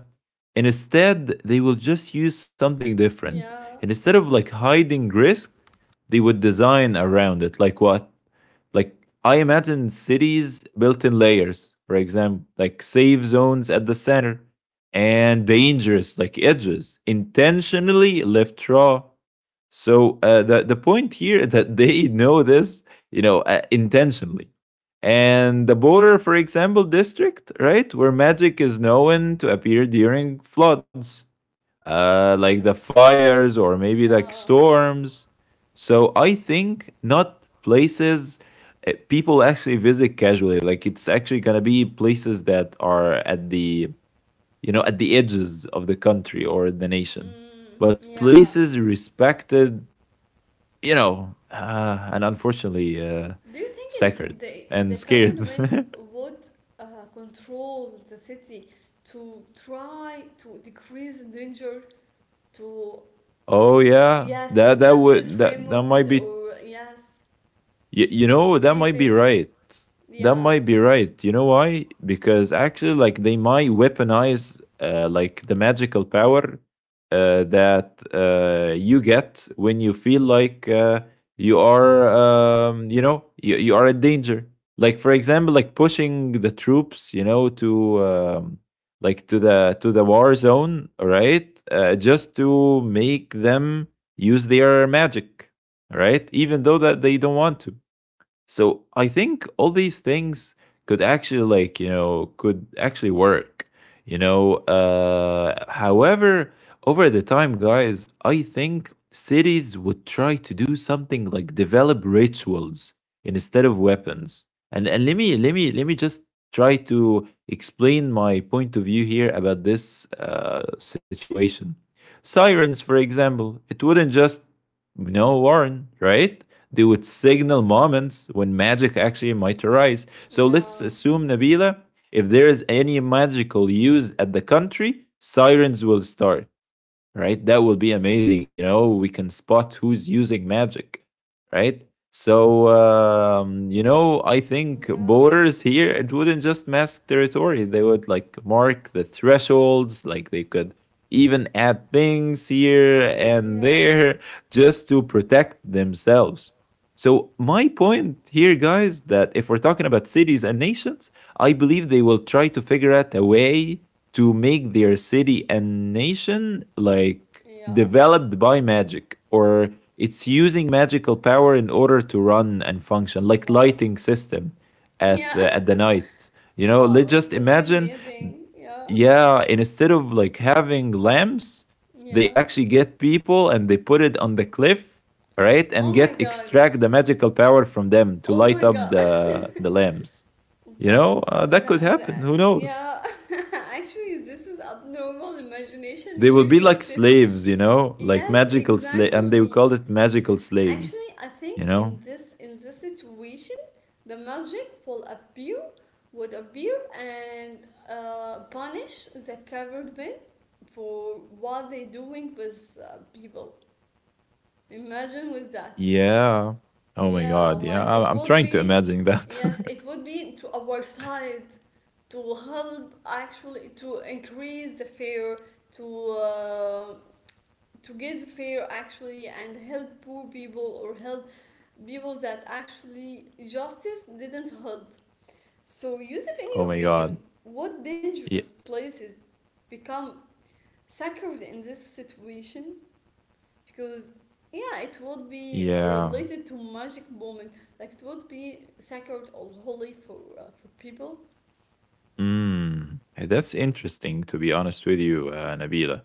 And instead, they will just use something different. Yeah. And instead of like hiding risk, they would design around it. Like what? Like I imagine cities built in layers, for example, like safe zones at the center and dangerous like edges intentionally left raw. The point here that they know this, you know, intentionally. And the border, for example, district, right, where magic is known to appear during floods, like the Yes. fires or maybe like Yeah. storms. So I think not places people actually visit casually. Like it's actually gonna be places that are at the, you know, at the edges of the country or the nation, Mm, but yeah. places respected, you know, and unfortunately Do you think sacred it, the and scared. government would uh, control the city to try to decrease the danger to, Oh yeah, yes, to that that kill these would that that rumors, might be or yes, you to know, that decrease might be it? right. That Yeah. might be right. You know why? Because actually, like, they might weaponize, like, the magical power that you get when you feel like you are, you know, you are in danger. Like, for example, like pushing the troops, you know, to. Like to the war zone, right? Just to make them use their magic, right? Even though that they don't want to. So I think all these things could actually like, you know, could actually work. You know, however, over the time, guys, I think cities would try to do something like develop rituals instead of weapons. And let me just try to explain my point of view here about this situation. Sirens, for example, it wouldn't just no warn, right? They would signal moments when magic actually might arise. So let's Yeah. assume, Nabila, if there is any magical use at the country, sirens will start, right? That would be amazing. You know, we can spot who's using magic, right? So, you know, I think Yeah. borders here, it wouldn't just mask territory. They would like mark the thresholds, like they could even add things here and Yeah. there just to protect themselves. So, my point here, guys, that if we're talking about cities and nations, I believe they will try to figure out a way to make their city and nation like Yeah. developed by magic, or it's using magical power in order to run and function, like Wow. lighting system Yeah. At the night, you know, Wow. let's It just would be imagine. amazing. Yeah. Yeah, and instead of like having lamps, they Yeah. actually get people and they put it on the cliff, all right, and Oh get my god. extract the magical power from them to Oh light my up god. The lamps, you know. Wow. That could That, happen, who that, knows. yeah. Actually, this is abnormal imagination They will here, be like Yosef. slaves, you know, like Yes, magical slave, and they will exactly. call it magical slaves, Actually, I you think know. In this situation, the magic will appear, would appear, and punish the covered men for what they doing with people. Imagine with that. Yeah. Oh my Yeah, god. like Yeah, it I'm would trying to be. imagine Yes, that. it would be to our side, to help actually to increase the fare, to uh, to get the fare actually, and help poor people, or help people that actually justice didn't help. So Yusuf, in your Oh my opinion, god. what dangerous Yeah. places become sacred in this situation, because yeah, it would be related Yeah. to magic moment. Like it would be sacred or holy for people. Mm. That's interesting, to be honest with you, Nabila.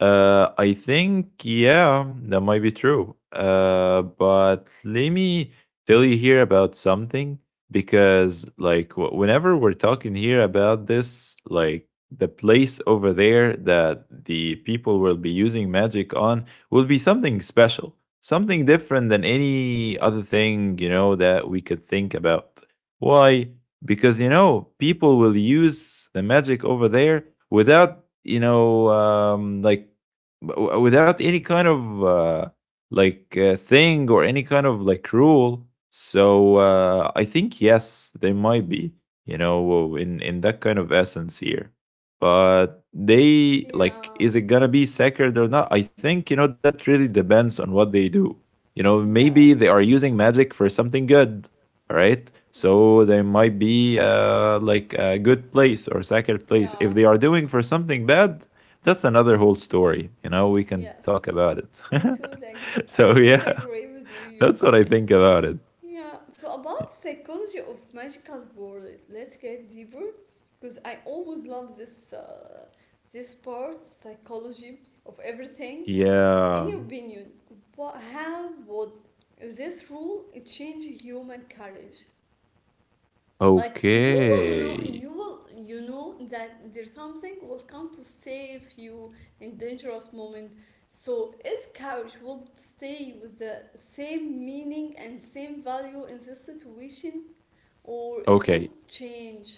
I think, yeah, that might be true. But let me tell you here about something because, whenever we're talking here about this, like, the place over there that the people will be using magic on will be something special, something different than any other thing, that we could think about. Why? Because people will use the magic over there without without any kind of like thing or any kind of like rule. So I think yes, they might be in that kind of essence here. But they like Yeah. is it gonna be sacred or not? I think that really depends on what they do. You know, maybe Yes. they are using magic for something good. All right, Mm, so they might be like a good place or second place yeah, if they are doing for something bad. That's another whole story, we can talk about yes. it. I too like So I yeah, totally agree with you, that's what Yusuf. I think about it. Yeah. So about psychology of magical world, let's get deeper because I always love this part psychology of everything. Yeah. In your opinion, what how would this rule change human courage? Like you will Okay. You know that there's something will come to save you in dangerous moment, so its courage will stay with the same meaning and same value in this situation, or it will Okay. change?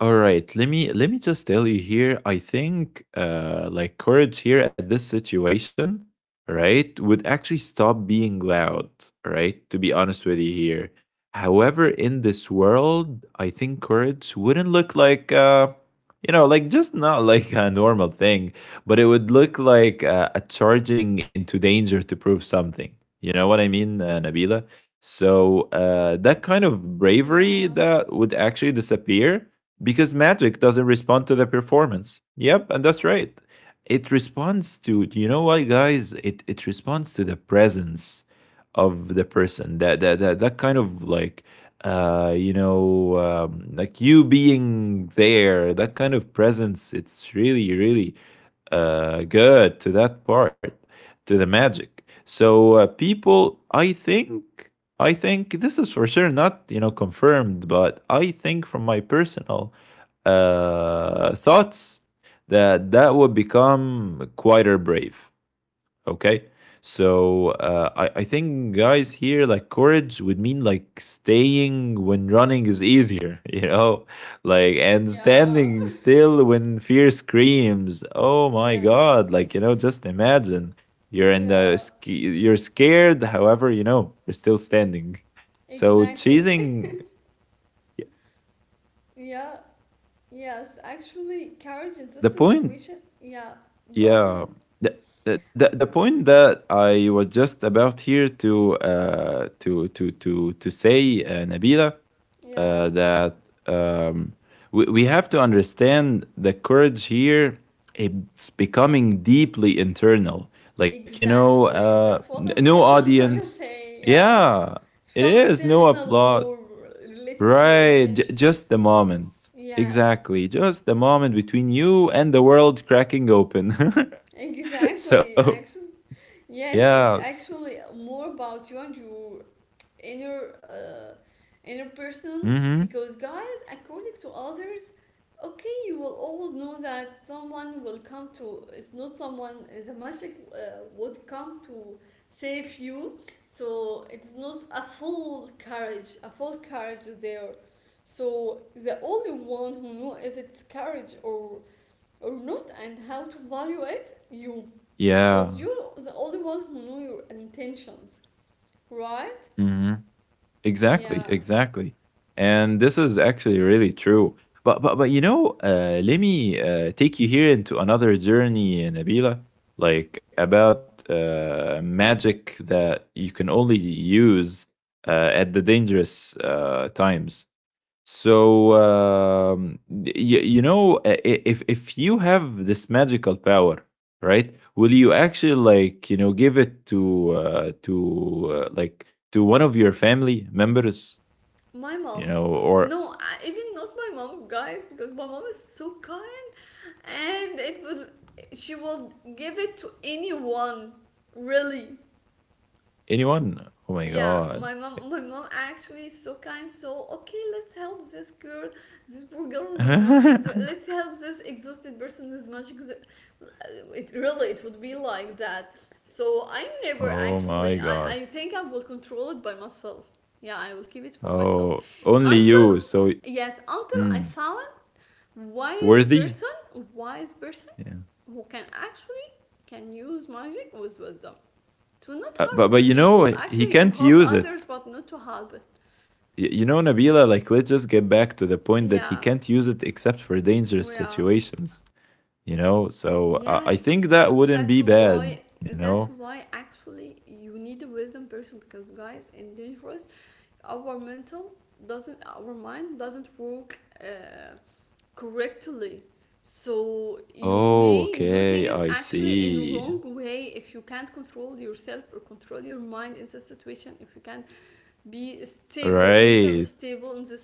All right, let me just tell you here. I think like courage here at this situation, right, would actually stop being loud, right? To be honest with you here. However, in this world, I think courage wouldn't look like like just not like a normal thing, but it would look like a charging into danger to prove something. You know what I mean, Nabila? So that kind of bravery Yeah, that would actually disappear because magic doesn't respond to the performance. Yep, and that's right. It responds to, do you know what, guys? It responds to the presence of the person. That kind of like like you being there, that kind of presence, it's really good to that part, to the magic. So people, I think, I think this is for sure not confirmed, but I think from my personal thoughts that that would become quieter brave. Okay, so I think guys here like courage would mean like staying when running is easier, you know, like, and yeah. standing still when fear screams. Oh my God! Yes. Like you know, just imagine you're in Yeah, the you're scared, however you know you're still standing. So exactly. chasing Yeah, yes, actually courage in this the point, situation, yeah, go ahead. yeah, the, the point that I was just about here to say, Nabila, Yeah. That um, we have to understand the courage here. It's becoming deeply internal, like you know, Exactly. That's no I'm audience. gonna say. Yeah. Yeah, It's it become is no intentional, applause. more related to your Right, intention. just the moment. Yes. Exactly, just the moment between you and the world cracking open. Exactly. So, Actually, yes, yeah. it's actually more about you and your inner uh, inner personal, Mm-hmm. because guys, according to others, okay, you will always know that someone will come to it's not someone, the magic would come to save you. So it's not a full courage, a full courage is there. So the only one who know if it's courage or not and how to value it, you, because Yeah. you the only one who know your intentions, right? Hmm. Yeah, Exactly, exactly. And this is actually really true. But you know, let me take you here into another journey, Nabila, like about magic that you can only use at the dangerous times. So you, you know, if you have this magical power, right? Will you actually like you know give it to like to one of your family members, my you mom. know, or No, even not my mom, guys, because my mom is so kind, and it would, she will give it to anyone, really. anyone? Oh my Yeah, god! my mom actually is so kind, so okay, let's help this girl, this poor girl with magic, let's help this exhausted person with magic. It really, it would be like that. So I never Oh my actually god! I think I will control it by myself. Yeah, I will keep it for myself Oh, only until, you. So yes until I mm, found wise worthy. person, wise person Yeah. who can actually can use magic with wisdom to not But hurt you know people, he actually to can't help use others it. but not to help it. You know, Nabila, like, let's just get back to the point that he Yeah, can't use it except for dangerous yeah. situations, you know? So I Yes, think so that wouldn't that's be bad, why, you know? that's why actually you need a wisdom person, because guys, in dangerous, our mental our mind doesn't work correctly. So you Oh, may do okay, things I actually in see. wrong way if you can't control yourself or control your mind in such situation, if you can't be stable, mentally Right. stable in this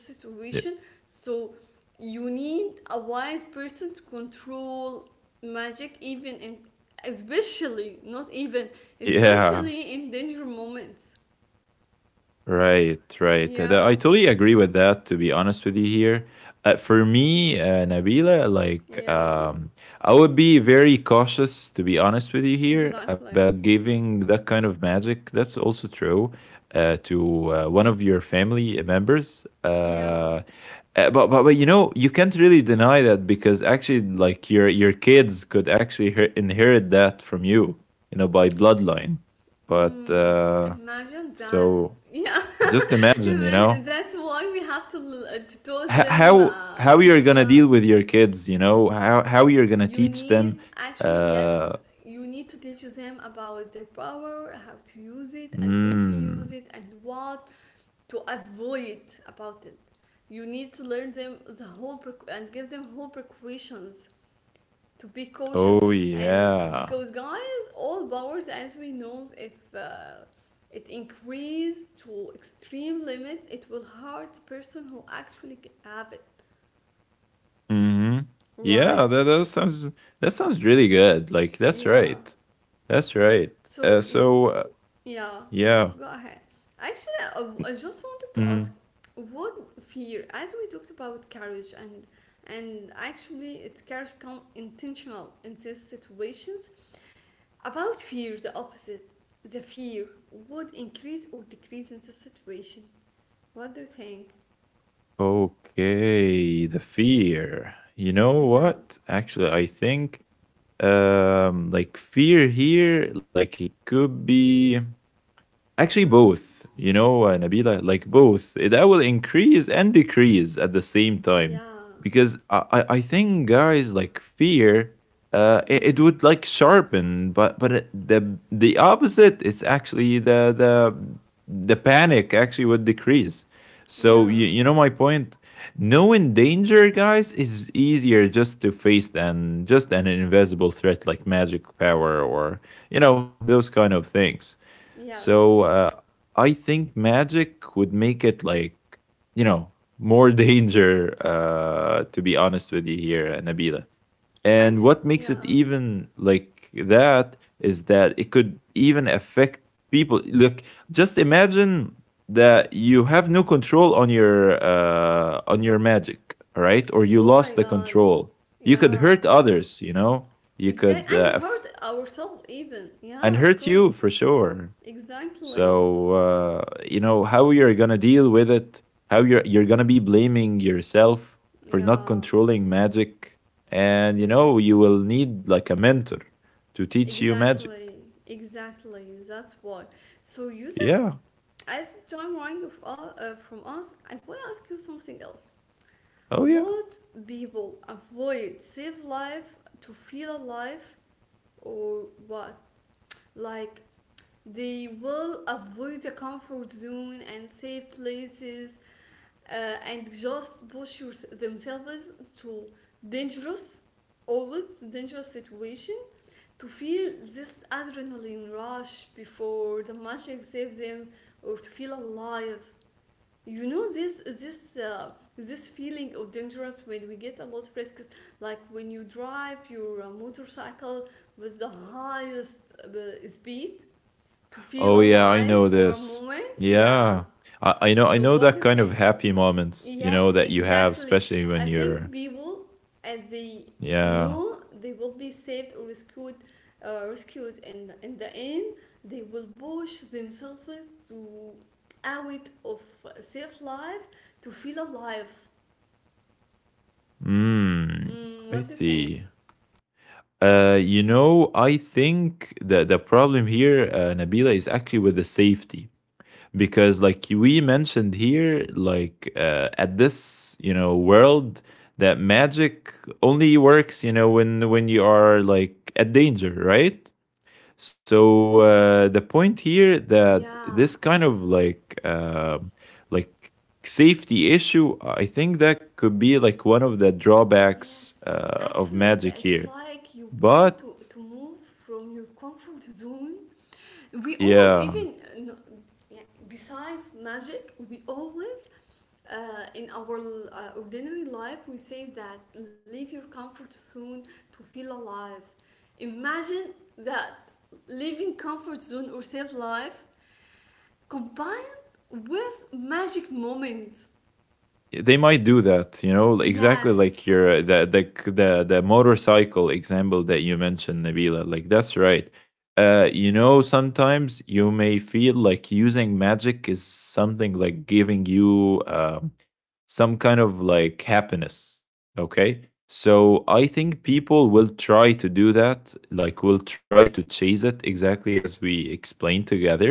Y- situation. So you need a wise person to control magic, even in, especially, not even, Yeah. especially in danger moments. Right, right. I Yeah, totally agree with that, to be honest with you here. For me, Nabila, like, yeah, I would be very cautious, to be honest with you here, exactly. about giving that kind of magic. That's also true to one of your family members. Yeah. But you know you can't really deny that because actually like your kids could actually inherit that from you, you know, by bloodline, but Mm, uh, imagine that. so Yeah, just imagine, you imagine, know, that's why we have to, to tell them. How you're gonna Yeah, deal with your kids, you know, how you're gonna you teach them need actually, yes, uh, you need to teach them about their power, how to use it and when to mm, use it and what to avoid about it. You need to learn them the whole prec- and give them whole precautions, to be cautious. oh And yeah. because guys, all powers as we know, if it increased to extreme limit, it will hurt the person who actually have it, Mm-hmm. Yeah, right? that sounds, that sounds really good, like that's Yeah, right, that's right. uh, so, so uh, yeah, yeah. go ahead. Actually, I just wanted to ask Mhm. what fear, as we talked about courage, and actually it's courage become intentional in these situations. About fear, the opposite, the fear would increase or decrease in this situation. What do you think? Okay, the fear, you know Yeah. what, actually I think um, like fear here, like, it could be, actually, Mm-hmm. both, you know, Nabila, like both. That will increase and decrease at the same time. Yeah. Because I think, guys, like fear, Mm-hmm. It would like sharpen, but the opposite is actually the panic actually would decrease. Yeah. So you know my point. Knowing danger, guys, is easier just to face than just an invisible threat like magic power or you know those kind of things. So Yes. I think magic would make it like, you know, more danger, to be honest with you here, Nabila. And Actually, what makes it yeah. even like that is that it could even affect people. Look, just imagine that you have no control on your magic, all right? Or you Oh my lost the god. control. You could Yeah. hurt others, you know. You could Exactly, and hurt ourselves even. and Yeah, of hurt you course. for sure. Exactly. So you know how you're gonna deal with it. How you're gonna be blaming yourself for not Yeah. controlling magic, and you know you Yes. will need like a mentor to teach you magic. Exactly. Exactly. That's why. So, Yusuf, Yeah. as time running of, from us, I want to ask you something else. Oh yeah. Would people avoid save life to feel alive, or what? Like they will avoid the comfort zone and safe places, and just themselves to dangerous, always to dangerous situation, to feel this adrenaline rush before the magic saves them, or to feel alive. You know, this feeling of dangerous when we get a lot of risks, like when you drive your motorcycle with the highest speed, to feel Oh yeah. I alive know for a this. moment, yeah. Yeah. I know. I So know what do that you kind of think? happy moments. You know Yes, that you have, exactly. especially I when think you're. people, as they Yeah. know they will be saved or rescued, rescued, and in the end, they will push themselves to out of safe life to feel alive. Hmm. Mm, I what do you think? see. You know, I think that the problem here, Nabila, is actually with the safety because, like we mentioned here, like at this you know world, that magic only works you know when you are like at danger, right? So the point here that this Yeah. kind of like um, like safety issue, I think that could be like one of the drawbacks Yes, of actually, it's magic it's here. like you want But to move from your comfort zone. We always yeah, even no, yeah, besides magic, we always in our ordinary life we say that leave your comfort zone to feel alive. Imagine that leaving comfort zone or safe life combined with magic moment. they might do that, you know, like, exactly Yes. like your the motorcycle example that you mentioned, Nabila, like that's right. Uh, you know, sometimes you may feel like using magic is something like giving you some kind of like happiness. Okay, so I think people will try to do that, like will try to chase it exactly as we explained together,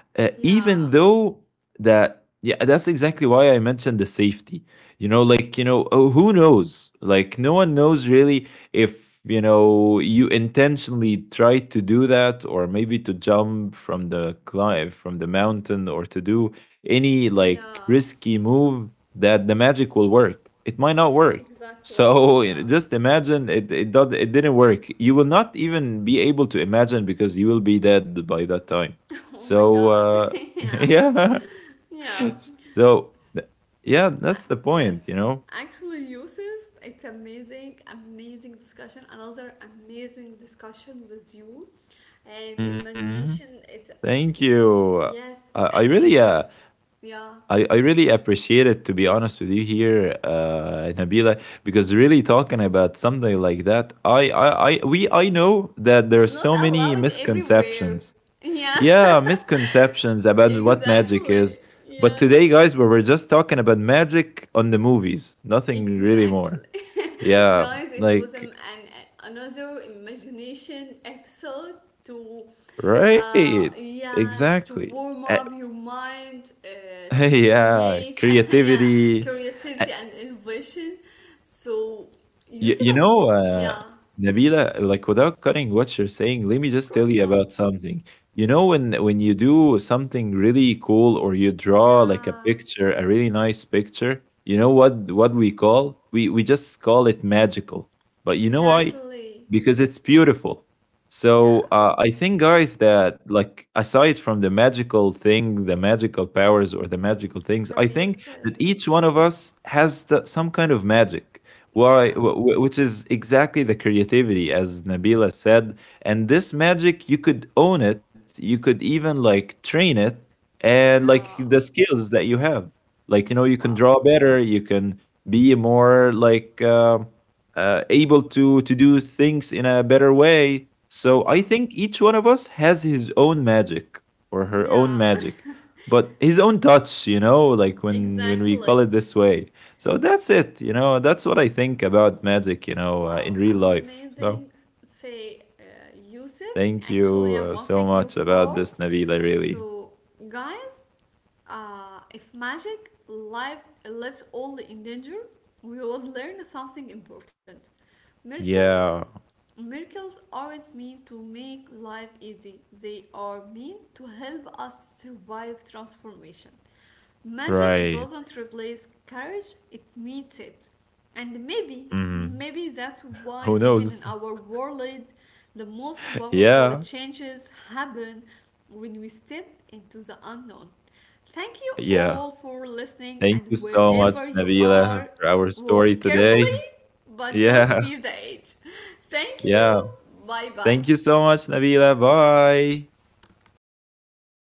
even Yeah. though that, yeah, that's exactly why I mentioned the safety. You know, like, you know, oh, who knows, like no one knows really if you know you intentionally tried to do that or maybe to jump from the cliff, from the mountain, or to do any like Yeah. risky move, that the magic will work, it might not work. Exactly. So you Yeah. know, just imagine it didn't work, you will not even be able to imagine because you will be dead by that time. Oh my So god. Yeah. yeah, Yeah. so S- yeah, uh, that's the Yes. point, you know. Actually, Yusuf, it's amazing, amazing discussion. Another amazing discussion with you and Hmm. imagination. It's Thank it's you. Yes I and really uh, imagine. Yeah. I really appreciate it, to be honest with you here, Nabila, because really talking about something like that, I know that there It's are not so many allowed everywhere. misconceptions. Yeah. Yeah, misconceptions about what magic is. Exactly. But today, Yes. guys, we're just talking about magic on the movies, nothing really more. Exactly. Yeah, Guys, it was like another imagination episode to, right, uh, yes, to exactly. warm up your mind, to yeah, create, yeah, creativity. creativity Uh, and innovation. So Yusuf, you I want, know, yeah, Nabila, like without cutting what you're saying, let me of just tell course you not, about something. You know, when you do something really cool or you draw like a yeah, picture, a really nice picture, you know what we call? We just call it magical. But you know why? exactly, Because it's beautiful. yeah, So I think, guys, that like aside from the magical thing, the magical powers or the magical the things, I think beauty, that each one of us has the, some kind of magic. why, yeah, wh- which is exactly the creativity, as Nabila said. And this magic, you could own it. You could even like train it, and like yeah, the skills that you have, like you know, you can wow, draw better. You can be more like able to do things in a better way. So I wow, think each one of us has his own magic or her own yeah, magic, but his own touch. You know, like when we call exactly. it this way. So that's it. You know, that's what I think about magic. You know, in Wow, real life. So amazing. Say, Yusuf, thank you actually, I want to so thank you much about for. this, Nabila. Really. So, guys, if magic life lived all in danger, we would learn something important. Miracle, Yeah. miracles aren't meant to make life easy, they are meant to help us survive transformation. Magic Right. doesn't replace courage, it meets it. And maybe, Mhm. maybe that's why, Who even knows? in our world, the most powerful Yeah. changes happen when we step into the unknown. Thank you Yeah. all for listening, Thank and you so much, wherever you Nabila, are, for our story walk carefully today. but don't Yeah. fear the edge. Thank you. Yeah. Bye bye. Thank you so much, Nabila. Bye. Bye, everyone.